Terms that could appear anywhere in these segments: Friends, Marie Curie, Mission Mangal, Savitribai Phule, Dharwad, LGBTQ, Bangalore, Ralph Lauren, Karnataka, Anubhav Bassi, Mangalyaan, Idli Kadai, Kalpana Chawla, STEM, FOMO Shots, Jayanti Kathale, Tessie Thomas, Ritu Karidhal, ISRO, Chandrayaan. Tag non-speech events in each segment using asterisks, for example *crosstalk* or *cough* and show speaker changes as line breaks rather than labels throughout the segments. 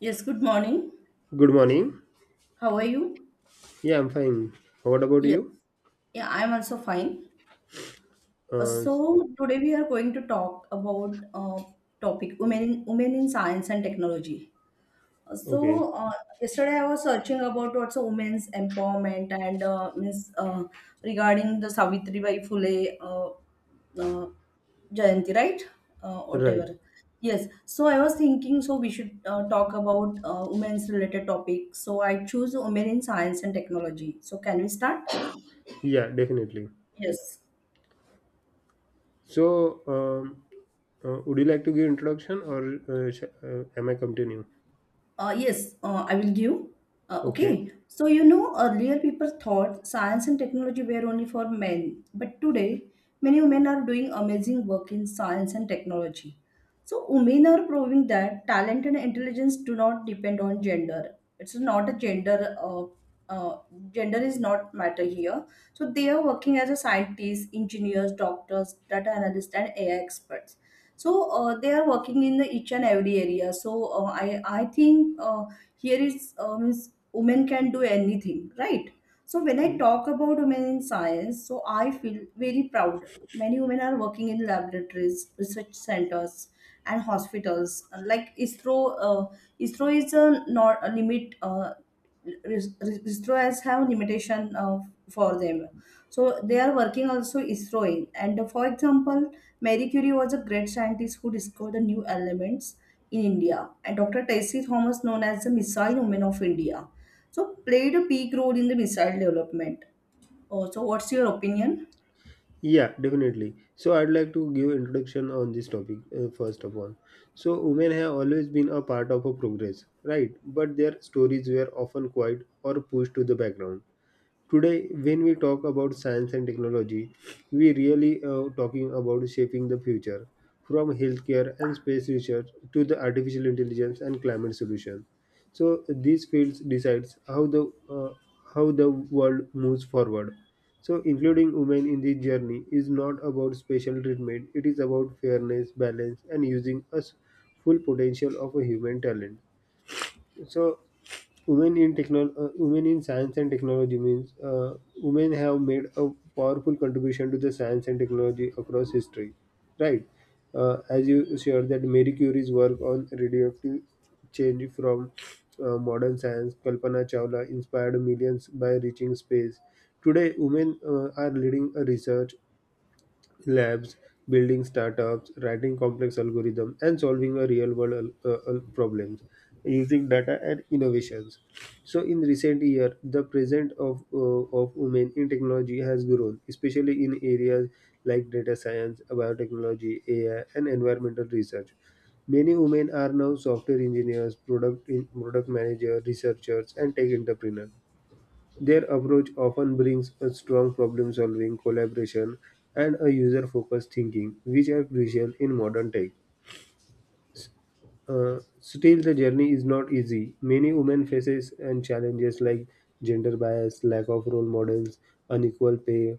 Yes, good morning.
Good morning.
How are you?
Yeah, I'm fine. What about
Yeah,
you?
yeah, I'm also fine. Uh,
Uh,
so today we are going to talk about topic women in science and technology. Uh,
okay,
so uh, yesterday I was searching about what's a women's empowerment and means regarding the Savitribai Phule uh, Jayanti, right?
right.
Whatever. Yes. So I was thinking, so we should talk about women's related topics. So I choose women in science and technology. So can we start?
Yeah, definitely.
Yes,
So, um, would you like to give introduction or am I continue?
yes, I will give.
Okay.
Okay, so you know, earlier people thought science and technology were only for men, but today many women are doing amazing work in science and technology. So women are proving that talent and intelligence do not depend on gender. It's not a gender. Uh, gender is not matter here. So they are working as a scientist, engineers, doctors, data analysts, and AI experts. So they are working in the each and every area. I think here is means women can do anything, right? So when I
Mm,
talk about women in science, so I feel very proud. Many women are working in laboratories, research centers, and hospitals like ISRO. uh, ISRO is a not a limit. ISRO has have limitation for them. So they are working also ISRO in. And for example, Marie Curie was a great scientist who discovered the new elements in India, and Dr. Tessie Thomas, known as the Missile Woman of India, so played a big role in the missile development. Oh, so what's your opinion?
Yeah, definitely. So, I'd like to give introduction on this topic first of all. So, women have always been a part of a progress, right? But their stories were often quiet or pushed to the background. Today, when we talk about science and technology, we really are talking about shaping the future, from healthcare and space research to the artificial intelligence and climate solution. So these fields decides how the world moves forward. So including women in this journey is not about special treatment; it is about fairness, balance, and using us full potential of a human talent. So women in science and technology means women have made a powerful contribution to the science and technology across history, right. Uh, as you shared, that Marie curie's work on radioactive change from modern science, kalpana chawla inspired millions by reaching space. Today women are leading a research labs, building startups, writing complex algorithms, and solving a real world problems using data and innovations. So, in recent year, the presence of of women in technology has grown, especially in areas like data science, biotechnology, AI, and environmental research. Many women are now software engineers, product managers, researchers, and tech entrepreneurs. Their approach often brings a strong problem solving, collaboration, and a user focused thinking, which are crucial in modern tech. Still, the journey is not easy. Many women faces and challenges like gender bias, lack of role models, unequal pay,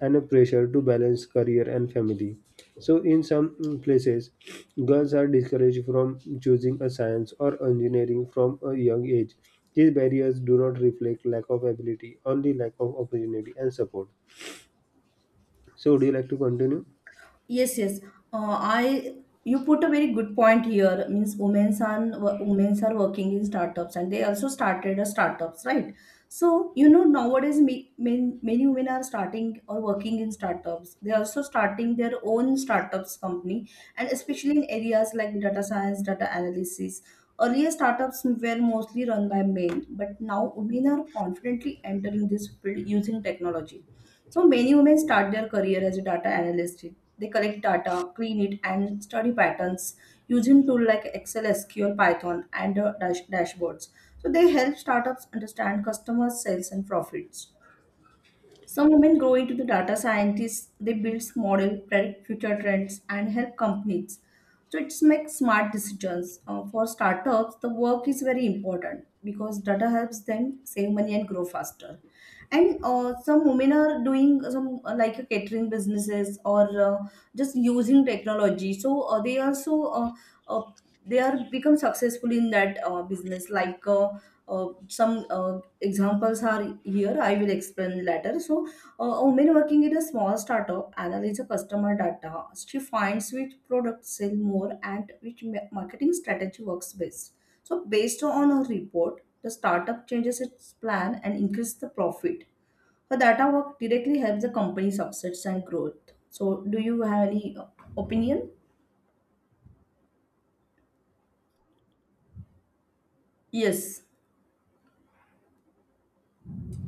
and a pressure to balance career and family. So, in some places, girls are discouraged from choosing a science or engineering from a young age. These barriers do not reflect lack of ability, only lack of opportunity and support. So, would you like to continue?
Yes, yes. I you put a very good point here. Means women's are working in startups and they also started a startups, right? So you know nowadays many women are starting or working in startups. They are also starting their own startups company and especially in areas like data science, data analysis. Earlier startups were mostly run by men, but now women are confidently entering this field using technology. So many women start their career as a data analyst. They collect data, clean it, and study patterns using tools like Excel, SQL, Python, and dashboards. So they help startups understand customers, sales, and profits. Some women grow into the data scientists. They build model, predict future trends, and help companies. So it's make smart decisions. For startups, the work is very important because data helps them save money and grow faster. And some women are doing some like a catering businesses or just using technology. So they also uh, they are become successful in that business like some examples are here, I will explain later. So a woman working in a small startup analyzes customer data. She finds which products sell more and which marketing strategy works best, so based on her report the startup changes its plan and increases the profit. Her data work directly helps the company success and growth. So do you have any opinion? Yes,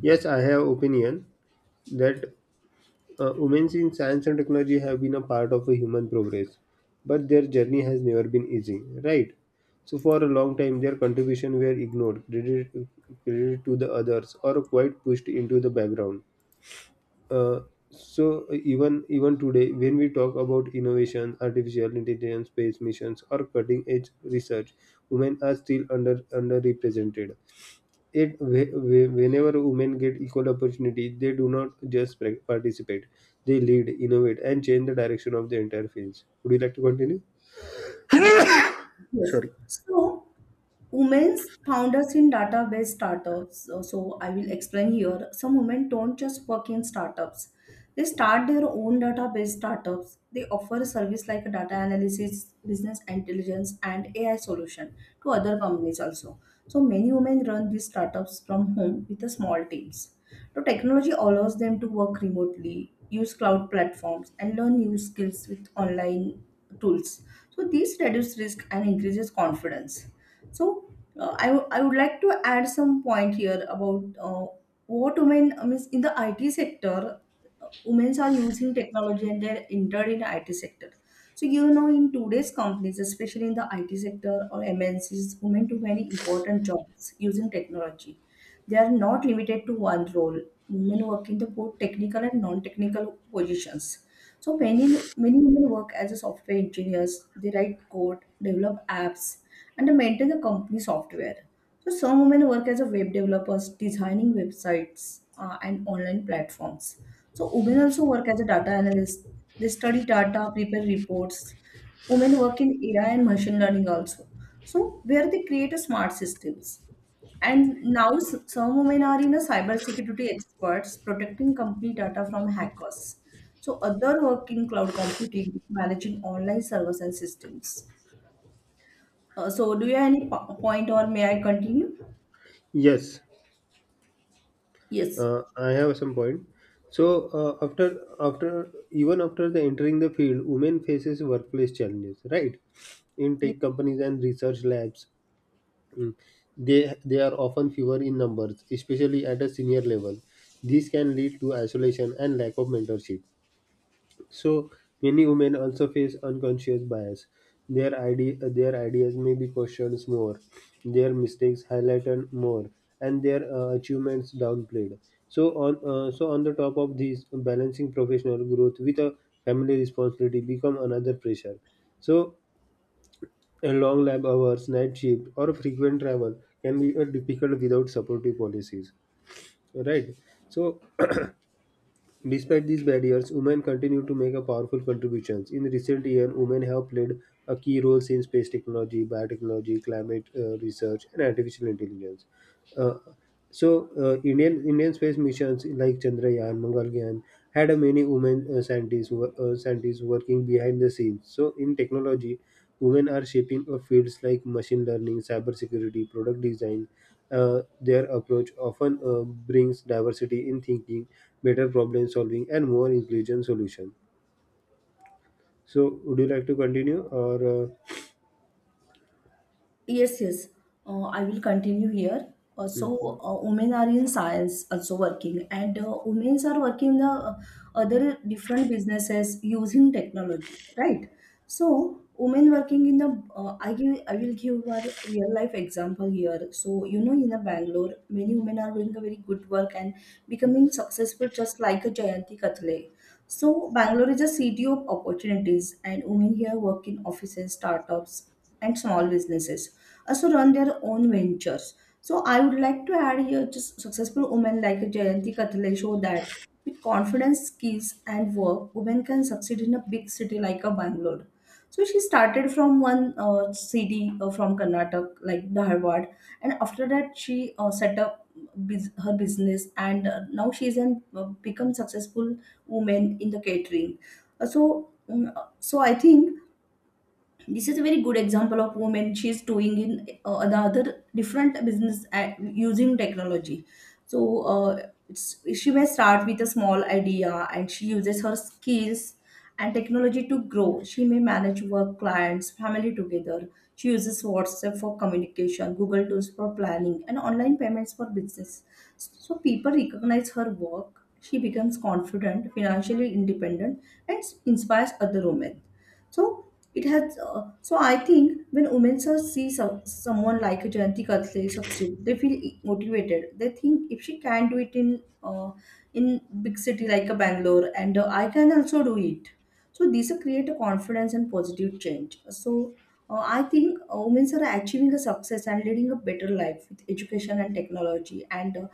Yes, I have opinion that women in science and technology have been a part of a human progress, but their journey has never been easy, right? So, for a long time, their contribution were ignored, credited to the others, or quite pushed into the background. Uh, so, even today, when we talk about innovation, artificial intelligence, space missions, or cutting edge research, women are still underrepresented. It whe- whe- whenever women get equal opportunity, they do not just participate, they lead, innovate, and change the direction of the entire fields. Would you like to continue?
yes, yes.
Sorry.
So women's founders in database startups. So, so I will explain here. Some women don't just work in startups. They start their own database startups. They offer a service like data analysis, business intelligence, and AI solution to other companies also. So many women run these startups from home with a small teams. So technology allows them to work remotely, use cloud platforms, and learn new skills with online tools. So this reduces risk and increases confidence. so I would like to add some point here about what women I mean, in the IT sector, women are using technology and they're entered in IT sector. So you know in today's companies, especially in the IT sector or MNCs, women do many important jobs using technology. They are not limited to one role. Women work in the both technical and non-technical positions. So many women work as a software engineers. They write code, develop apps, and they maintain the company software. So some women work as a web developers, designing websites and online platforms. So women also work as a data analyst. They study data, prepare reports. Women work in AI and machine learning also. So where they create a smart systems. And now some women are in a cybersecurity experts protecting company data from hackers. So other work in cloud computing, managing online servers and systems. So do you have any point or may I continue?
Yes,
Yes.
I have some point. So after after even after the entering the field, women faces workplace challenges, right? In tech companies and research labs, mm, they are often fewer in numbers, especially at a senior level. This can lead to isolation and lack of mentorship. So many women also face unconscious bias. Their ideas may be questioned more, their mistakes highlighted more, and their achievements downplayed. So on the top of these, balancing professional growth with a family responsibility become another pressure. So a long lab hours, night shift, or frequent travel can be difficult without supportive policies. Right. So despite these barriers, women continue to make a powerful contributions. In recent years, women have played a key role in space technology, biotechnology, climate research, and artificial intelligence. Uh, Indian space missions like Chandrayaan, Mangalyaan had a many women scientists working behind the scenes. So, in technology, women are shaping fields like machine learning, cybersecurity, product design. Their approach often brings diversity in thinking, better problem solving, and more intelligent solution. So, would you like to continue or?
Yes, yes. I will continue here.
Mhm.
Women are in science also working, and women are working in the other different businesses using technology, right? So, women working in the I will give our real life example here. So, you know, in the Bangalore, many women are doing a very good work and becoming successful, just like a Jayanti Kathale. So Bangalore is a city of opportunities, and women here work in offices, startups, and small businesses. Also run their own ventures. So I would like to add here, just successful women like Jayanti Kathale show that with confidence, skills, and work, women can succeed in a big city like a Bangalore. So she started from one city from Karnataka, like Dharwad, and after that she set up her business, and now she's an become successful women in the catering. So I think this is a very good example of women she's doing in the other different business at, using technology. She may start with a small idea and she uses her skills and technology to grow. She may manage work, clients, family together. She uses WhatsApp for communication, Google tools for planning, and online payments for business. So people recognize her work. She becomes confident, financially independent, and inspires other women. So it has. So I think when women see, so someone like Jayanti Katle succeed, they feel motivated. They think if she can do it in uh, in big city like a Bangalore, and I can also do it. So these are create a confidence and positive change. So I think women are achieving a success and leading a better life with education and technology and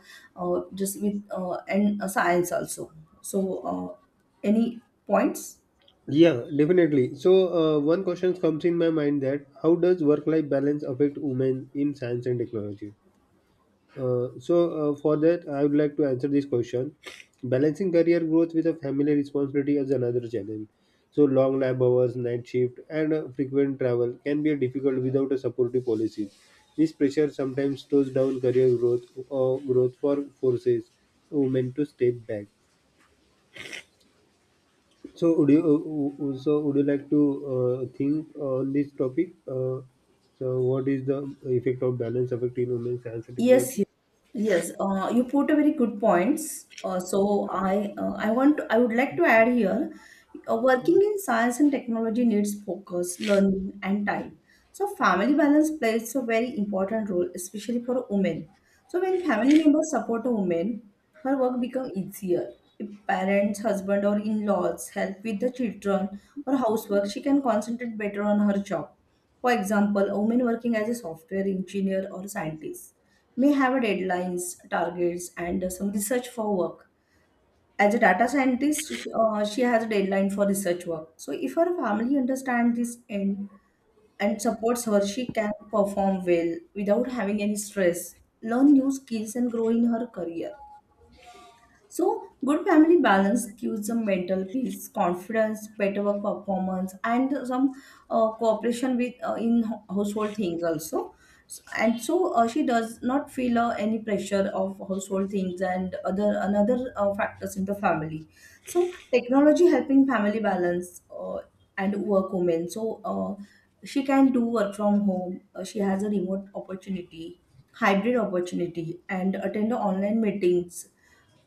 just with and science also. So uh, any points?
Yeah, definitely. So, one question comes in my mind, that how does work-life balance affect women in science and technology? For that, I would like to answer this question. Balancing career growth with a family responsibility is another challenge. So long lab hours, night shift, and frequent travel can be difficult without a supportive policy. This pressure sometimes slows down career growth or growth for forces women to step back. So would you like to think on this topic? So what is the effect of balance affecting women's health and
Yes,
technology?
yes, yes. You put a very good points. I would like to add here, working in science and technology needs focus, learning, and time. So family balance plays a very important role, especially for women. So when family members support a woman, her work becomes easier. If parents, husband, or in-laws help with the children or housework, she can concentrate better on her job. For example, a woman working as a software engineer or scientist may have a deadlines, targets, and some research for work. As a data scientist, she has a deadline for research work. So, if her family understands this and supports her, she can perform well without having any stress, learn new skills, and grow in her career. So, good family balance gives them mental peace, confidence, better work performance, and some cooperation with in household things also. S- And so she does not feel any pressure of household things and other another factors in the family. So technology helping family balance and work women. So she can do work from home. She has a remote opportunity, hybrid opportunity, and attend the online meetings,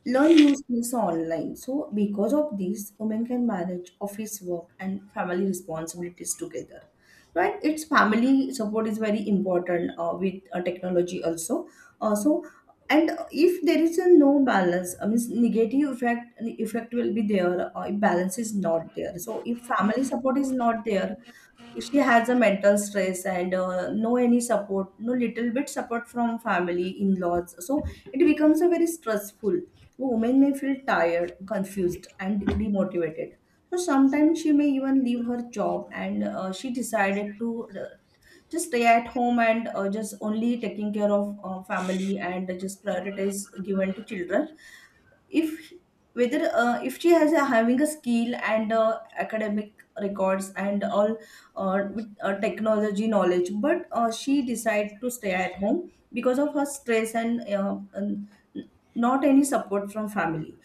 learn new skills online. So, because of this, women can manage office work and family responsibilities together. Right? Its family support is very important with technology also. Uh, so, and if there is a no balance, I mean, negative effect will be there. If balance is not there, so if family support is not there, she has a mental stress and no any support, no little bit support from family in-laws, so it becomes a very stressful. Woman may feel tired, confused and demotivated, so sometimes she may even leave her job and she decided to just stay at home and just only taking care of family and just prioritize given to children if whether if she has a, having a skill and academic records and all with technology knowledge, but she decide to stay at home because of her stress and not any support from family,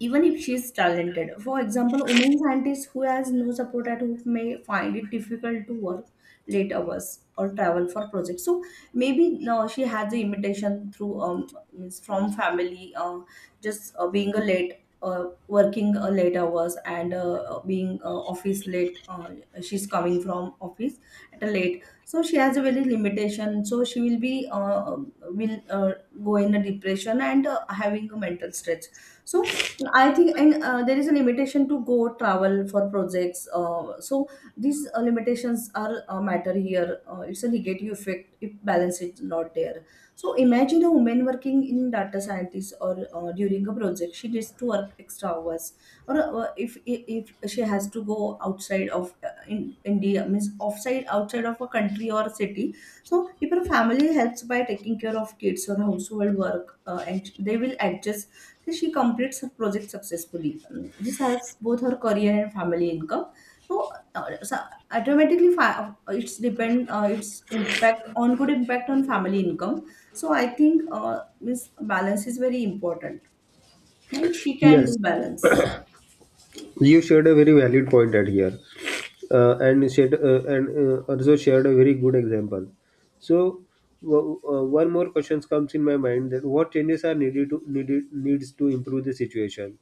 even if she is talented. For example, women scientists who has no support at home may find it difficult to work late hours or travel for projects. So maybe no, she has the imitation through means from family, just being a late, working late hours and being office late, she's coming from office at a late, so she has a very limitation, so she will be will go in a depression and having a mental stress. So I think, and there is a limitation to go travel for projects. So these limitations are matter here. It's a negative effect if balance is not there. So imagine a woman working in data scientist or during a project, she needs to work extra hours, or uh, if she has to go outside of in India, means offside outside of a country or city. So if her family helps by taking care of kids or household work, and they will adjust, so she completes her project successfully. This helps both her career and family income. So, so automatically, it's depend, its impact on, good impact on family income. So I think this balance is very important, and she can
Yes.
do balance.
You shared a very valid point at here, and shared, and also shared a very good example. So one more question comes in my mind: that what changes are needed to needed needs to improve the situation,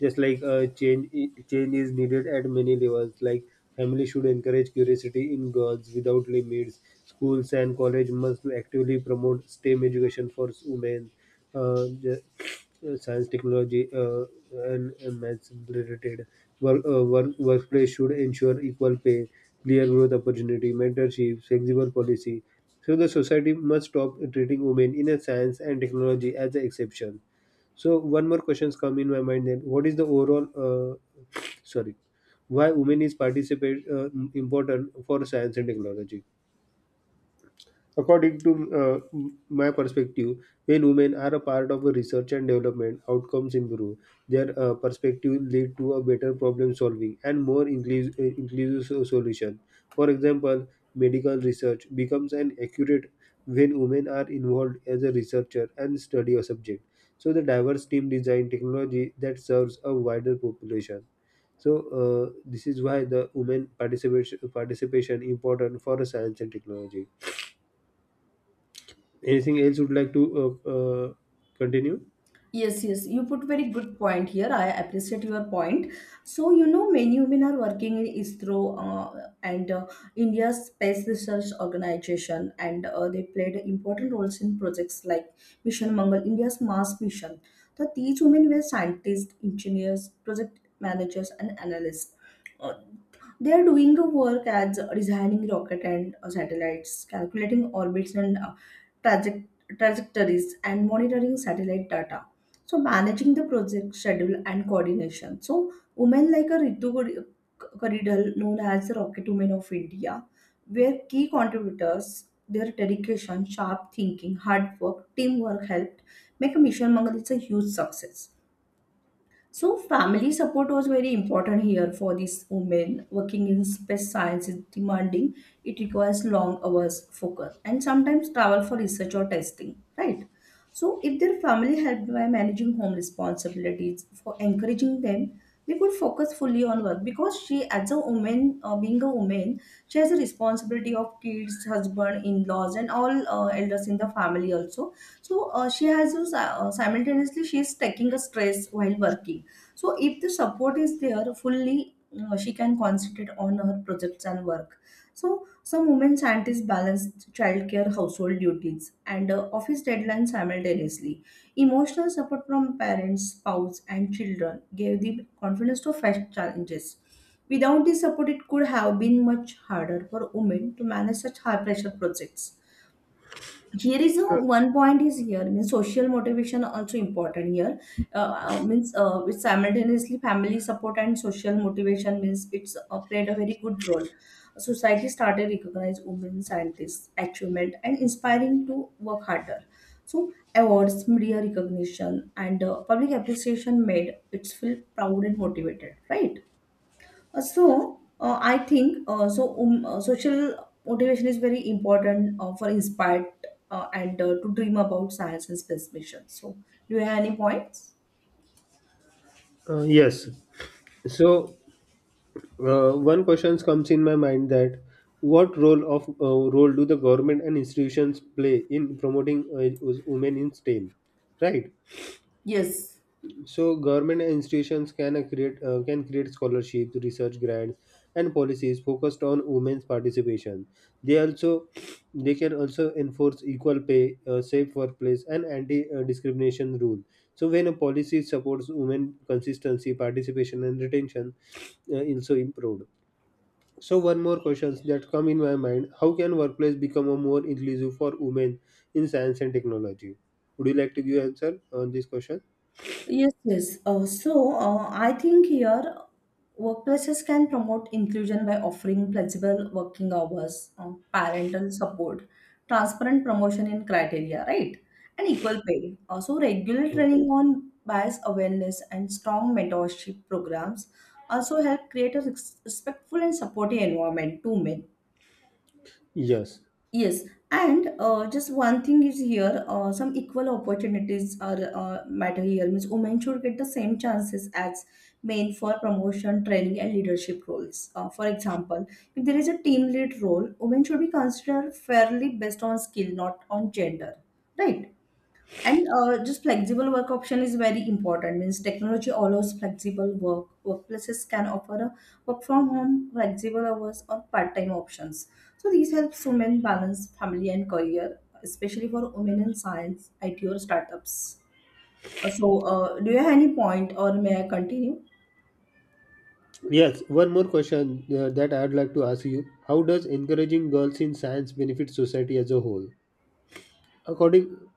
just like change is needed at many levels, like family should encourage curiosity in girls without limits, schools and college must actively promote stem education for women, uh, the, science, technology, and maths-related workplace should ensure equal pay, clear growth opportunity, mentorship, flexible policy. So the society must stop treating women in a science and technology as an exception. So one more questions come in my mind then. What is the overall, *sniffs* sorry, why women is participate important for science and technology? According to my perspective, when women are a part of a research and development, outcomes improve. Their perspective lead to a better problem solving and more inclusive solution. For example, medical research becomes an accurate when women are involved as a researcher and study a subject. So the diverse team design technology that serves a wider population. So this is why the women participation important for science and technology. Anything else would like to uh, uh, continue?
Yes, yes, you put very good point here. I appreciate your point. So, you know, many women are working in ISRO, and India's Space Research Organization, and they played important roles in projects like Mission Mangal, India's Mars mission. So, these women were scientists, engineers, project managers, and analysts. Uh, they are doing the work as designing rocket and satellites, calculating orbits and traject- trajectories, and monitoring satellite data, so managing the project schedule and coordination. So women like a Karidal, known as the Rocket Women of India, were key contributors. Their dedication, sharp thinking, hard work, teamwork helped make Mission Mangal, it's a huge success. So family support was very important here for this woman. Working in space science is demanding. It requires long hours, focus, and sometimes travel for research or testing, right? So if their family helped by managing home responsibilities, for encouraging them, they could focus fully on work, because she, as a woman, being a woman, she has a responsibility of kids, husband, in-laws, and all elders in the family also. So she has to simultaneously she is taking a stress while working. So if the support is there fully, she can concentrate on her projects and work. So some women scientists balance childcare, household duties and office deadlines simultaneously. Emotional support from parents, spouse and children gave the confidence to face challenges. Without this support, it could have been much harder for women to manage such high pressure projects. Here is a, one point is here, means social motivation also important here. Means With simultaneously family support and social motivation, means it's played a very good role. Society started recognize women scientists achievement and inspiring to work harder. So awards, media recognition and public appreciation made it feel proud and motivated, right? I think social motivation is very important for inspired and to dream about science and space mission. So do you have any points?
Yes. So one question comes in my mind: that what role of role do the government and institutions play in promoting women in stem, right?
Yes,
So government institutions can create can create scholarships, research grants, and policies focused on women's participation. They also they can also enforce equal pay, safe workplace, and anti-discrimination rule. So when a policy supports women consistency, participation, and retention, also improved. So one more questions that come in my mind: How can workplace become a more inclusive for women in science and technology? Would you like to give answer on this question?
yes, yes. I think here workplaces can promote inclusion by offering flexible working hours, parental support, transparent promotion in criteria, right? And equal pay. Also, regular training on bias awareness and strong mentorship programs also help create a respectful and supportive environment to men.
Yes.
Yes, and just one thing is here, some equal opportunities are matter here. Means women should get the same chances as men for promotion, training, and leadership roles. For example, if there is a team lead role, women should be considered fairly based on skill, not on gender, right? And just flexible work option is very important. Means technology allows flexible work. Workplaces can offer a work from home, flexible hours, or part-time options. So these helps women balance family and career, especially for women in science, IT, or startups. Do you have any point, or may I continue?
Yes, one more question that I'd like to ask you. How does encouraging girls in science benefit society as a whole? According,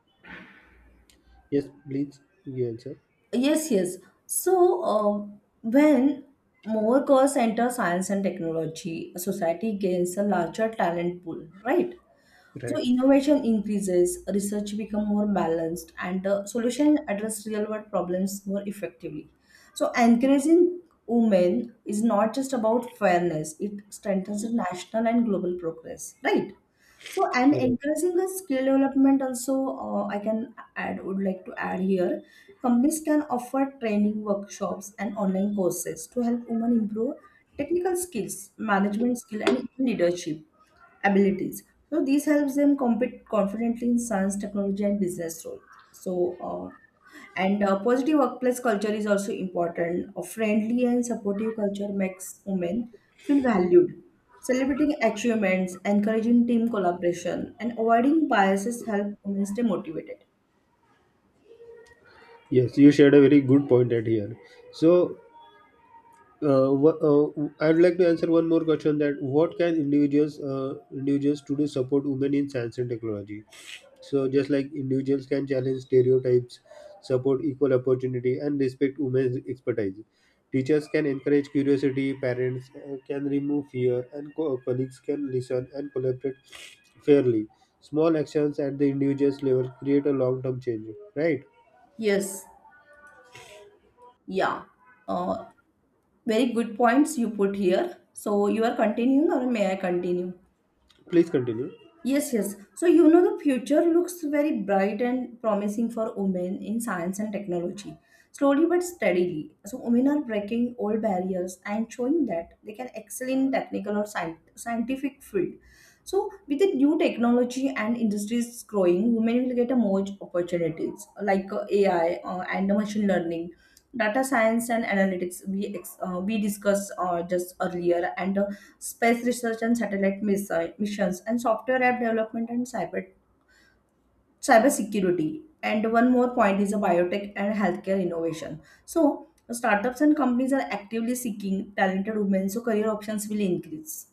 yes, please, you answer.
Yes, yes. So, when more girls enter science and technology, society gains a larger talent pool, right? So
Right,
innovation increases, research become more balanced, and solution address real world problems more effectively. So encouraging women is not just about fairness; it strengthens the national and global progress, right? So and
correct.
encouraging the skill development also, I can add, would like to add here. Companies can offer training workshops and online courses to help women improve technical skills, management skill, and even leadership abilities. So these helps them compete confidently in science, technology, and business roles. So and positive workplace culture is also important. A friendly and supportive culture makes women feel valued. Celebrating achievements, encouraging team collaboration, and avoiding biases help women stay motivated.
Yes, you shared a very good point at here. So, uh, wha- uh, I'd like to answer one more question: that what can individuals, individuals to support women in science and technology? So, just like individuals can challenge stereotypes, support equal opportunity, and respect women's expertise, teachers can encourage curiosity, parents can remove fear, and colleagues can listen and collaborate fairly. Small actions at the individual's level create a long term change, right?
Yes, yeah. Uh, Very good points you put here. So you are continuing, or may I continue?
Please continue.
Yes, yes. So, you know, the future looks very bright and promising for women in science and technology. Slowly but steadily. So, women are breaking old barriers and showing that they can excel in technical or scientific field. So, with the new technology and industries growing, women will get a more opportunities like AI and the machine learning, data science and analytics. We discussed just earlier, and space research and satellite missions, and software app development and cyber security. And one more point is a biotech and healthcare innovation. So, startups and companies are actively seeking talented women, so career options will increase.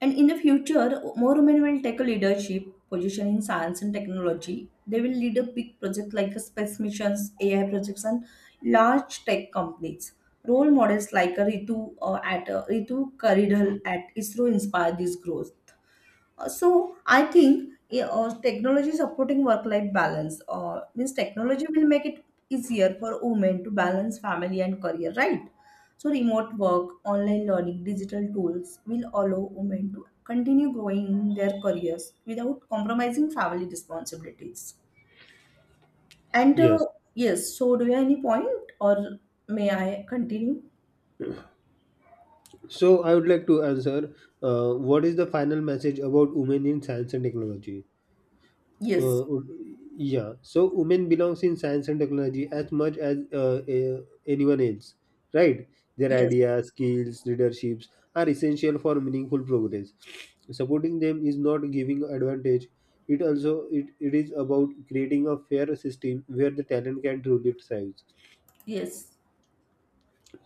And in the future, more women will take a leadership position in science and technology. They will lead a big project like a space missions, AI projects, and large tech companies. Role models like a Ritu Karidhal at ISRO inspire this growth. I think yeah, technology is supporting work life balance, means technology will make it easier for women to balance family and career, right? So remote work, online learning, digital tools will allow women to continue growing in their careers without compromising family responsibilities, and
Yes.
yes, so do you have any point or may I continue?
So, I would like to answer what is the final message about women in science and technology?
Yes,
uh, uh, yeah, so women belongs in science and technology as much as anyone else, right. Their
yes,
ideas, skills, leaderships are essential for meaningful progress. Supporting them is not giving advantage. It also, it is about creating a fair system where the talent can truly thrive.
yes.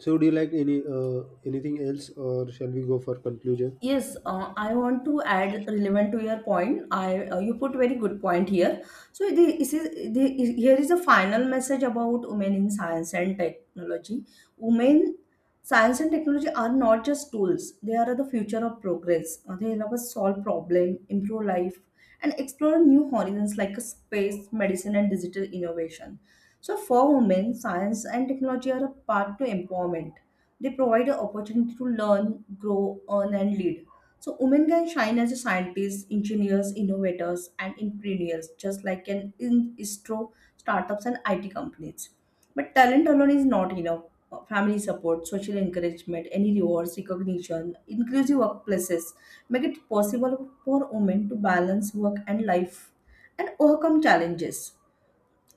So do you like any anything else, or shall we go for conclusion?
Yes, I want to add relevant to your point. I you put very good point here. So this is here is a final message about women in science and technology. Women, science and technology are not just tools; they are the future of progress. They help us solve problem, improve life, and explore new horizons like space, medicine, and digital innovation. So for women, science and technology are a path to empowerment. They provide an opportunity to learn, grow, earn, and lead. So women can shine as a scientists, engineers, innovators, and entrepreneurs, just like an in istro, startups and IT companies. But talent alone is not enough. Family support, social encouragement, any rewards, recognition, inclusive workplaces make it possible for women to balance work and life and overcome challenges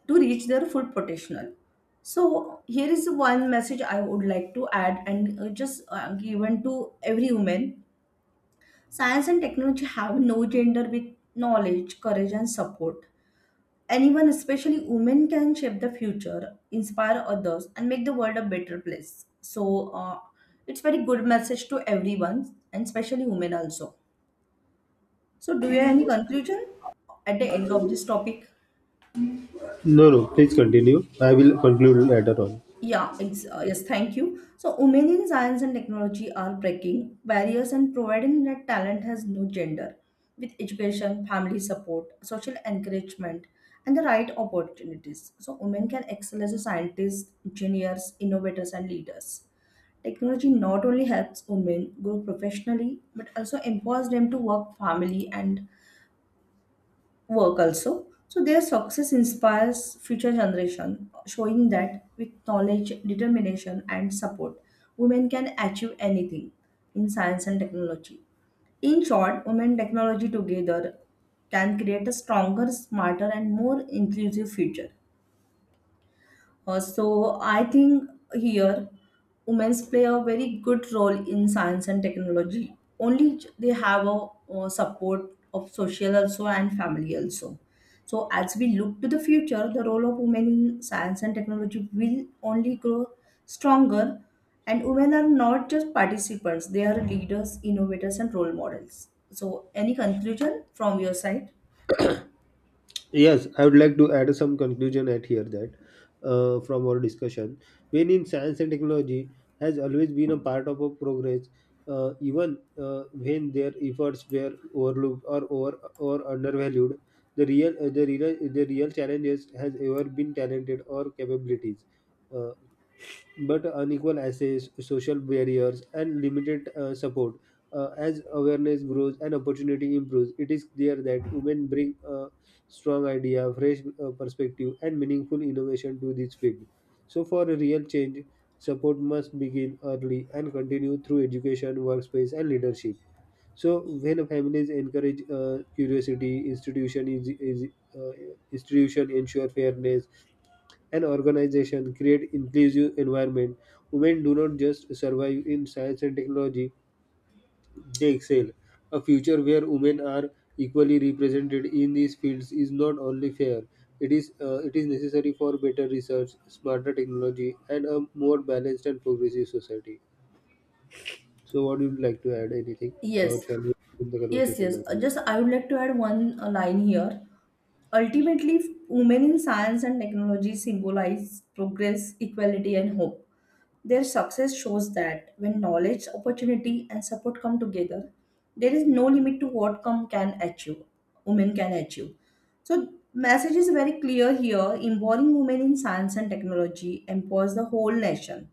to reach their full potential. So here is one message I would like to add and just given to every woman. Science and technology have no gender. With knowledge, courage and support, anyone, especially women, can shape the future, inspire others and make the world a better place. It's very good message to everyone and especially women also. So do you have any conclusion at the end of this topic?
No no, please continue, I will conclude later on.
Yeah, yes, thank you. So, women in science and technology are breaking barriers and providing that talent has no gender, with education, family support, social encouragement, and the right opportunities. So, women can excel as a scientist, engineers, innovators, and leaders. Technology not only helps women grow professionally but also empowers them to work family and work also. So their success inspires future generation, showing that with knowledge, determination, and support, women can achieve anything in science and technology. In short, women technology together can create a stronger, smarter, and more inclusive future. I think here women play a very good role in science and technology. Only they have a, support of social also and family also. So as we look to the future, the role of women in science and technology will only grow stronger. And women are not just participants; they are leaders, innovators, and role models. So any conclusion from your side?
Yes, I would like to add some conclusion at here: that from our discussion, when in science and technology has always been a part of a progress, even when their efforts were overlooked or over or undervalued, the real challenges has ever been talented or capabilities. Uh, but unequal access, social barriers, and limited support. As awareness grows and opportunity improves, it is clear that women bring a strong idea, fresh perspective, and meaningful innovation to this field. So, for a real change, support must begin early and continue through education, workspace, and leadership. So, when families encourage curiosity, institution is uh, institution ensure fairness, an organization create inclusive environment, women do not just survive in science and technology, they excel. A future where women are equally represented in these fields is not only fair, it is necessary for better research, smarter technology, and a more balanced and progressive society. So what would you like to add, anything,
Yes.
or shall we in the
Yes,
conversation
yes.
now?
Just I would like to add one line here. Ultimately, women in science and technology symbolize progress, equality, and hope. Their success shows that when knowledge, opportunity, and support come together, there is no limit to what come can achieve. Women can achieve. So, message is very clear here. Involving women in science and technology empowers the whole nation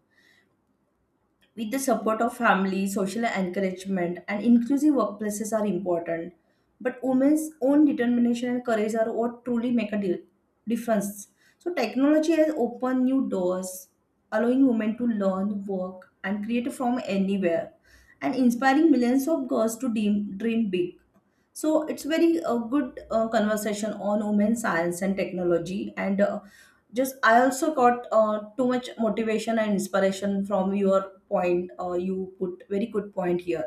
with the support of family, social encouragement, and inclusive workplaces are important. But women's own determination and courage are what truly make a difference. So technology has opened new doors, allowing women to learn, work, and create from anywhere, and inspiring millions of girls to dream big. So it's very a good conversation on women science and technology, and just I also got too much motivation and inspiration from your point. You put very good point here.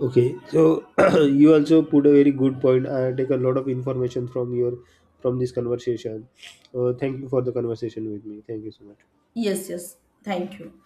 Okay, so *clears throat* you also put a very good point. I take a lot of information from your from this conversation. Thank you for the conversation with me. Thank you so much.
Yes, yes, thank you.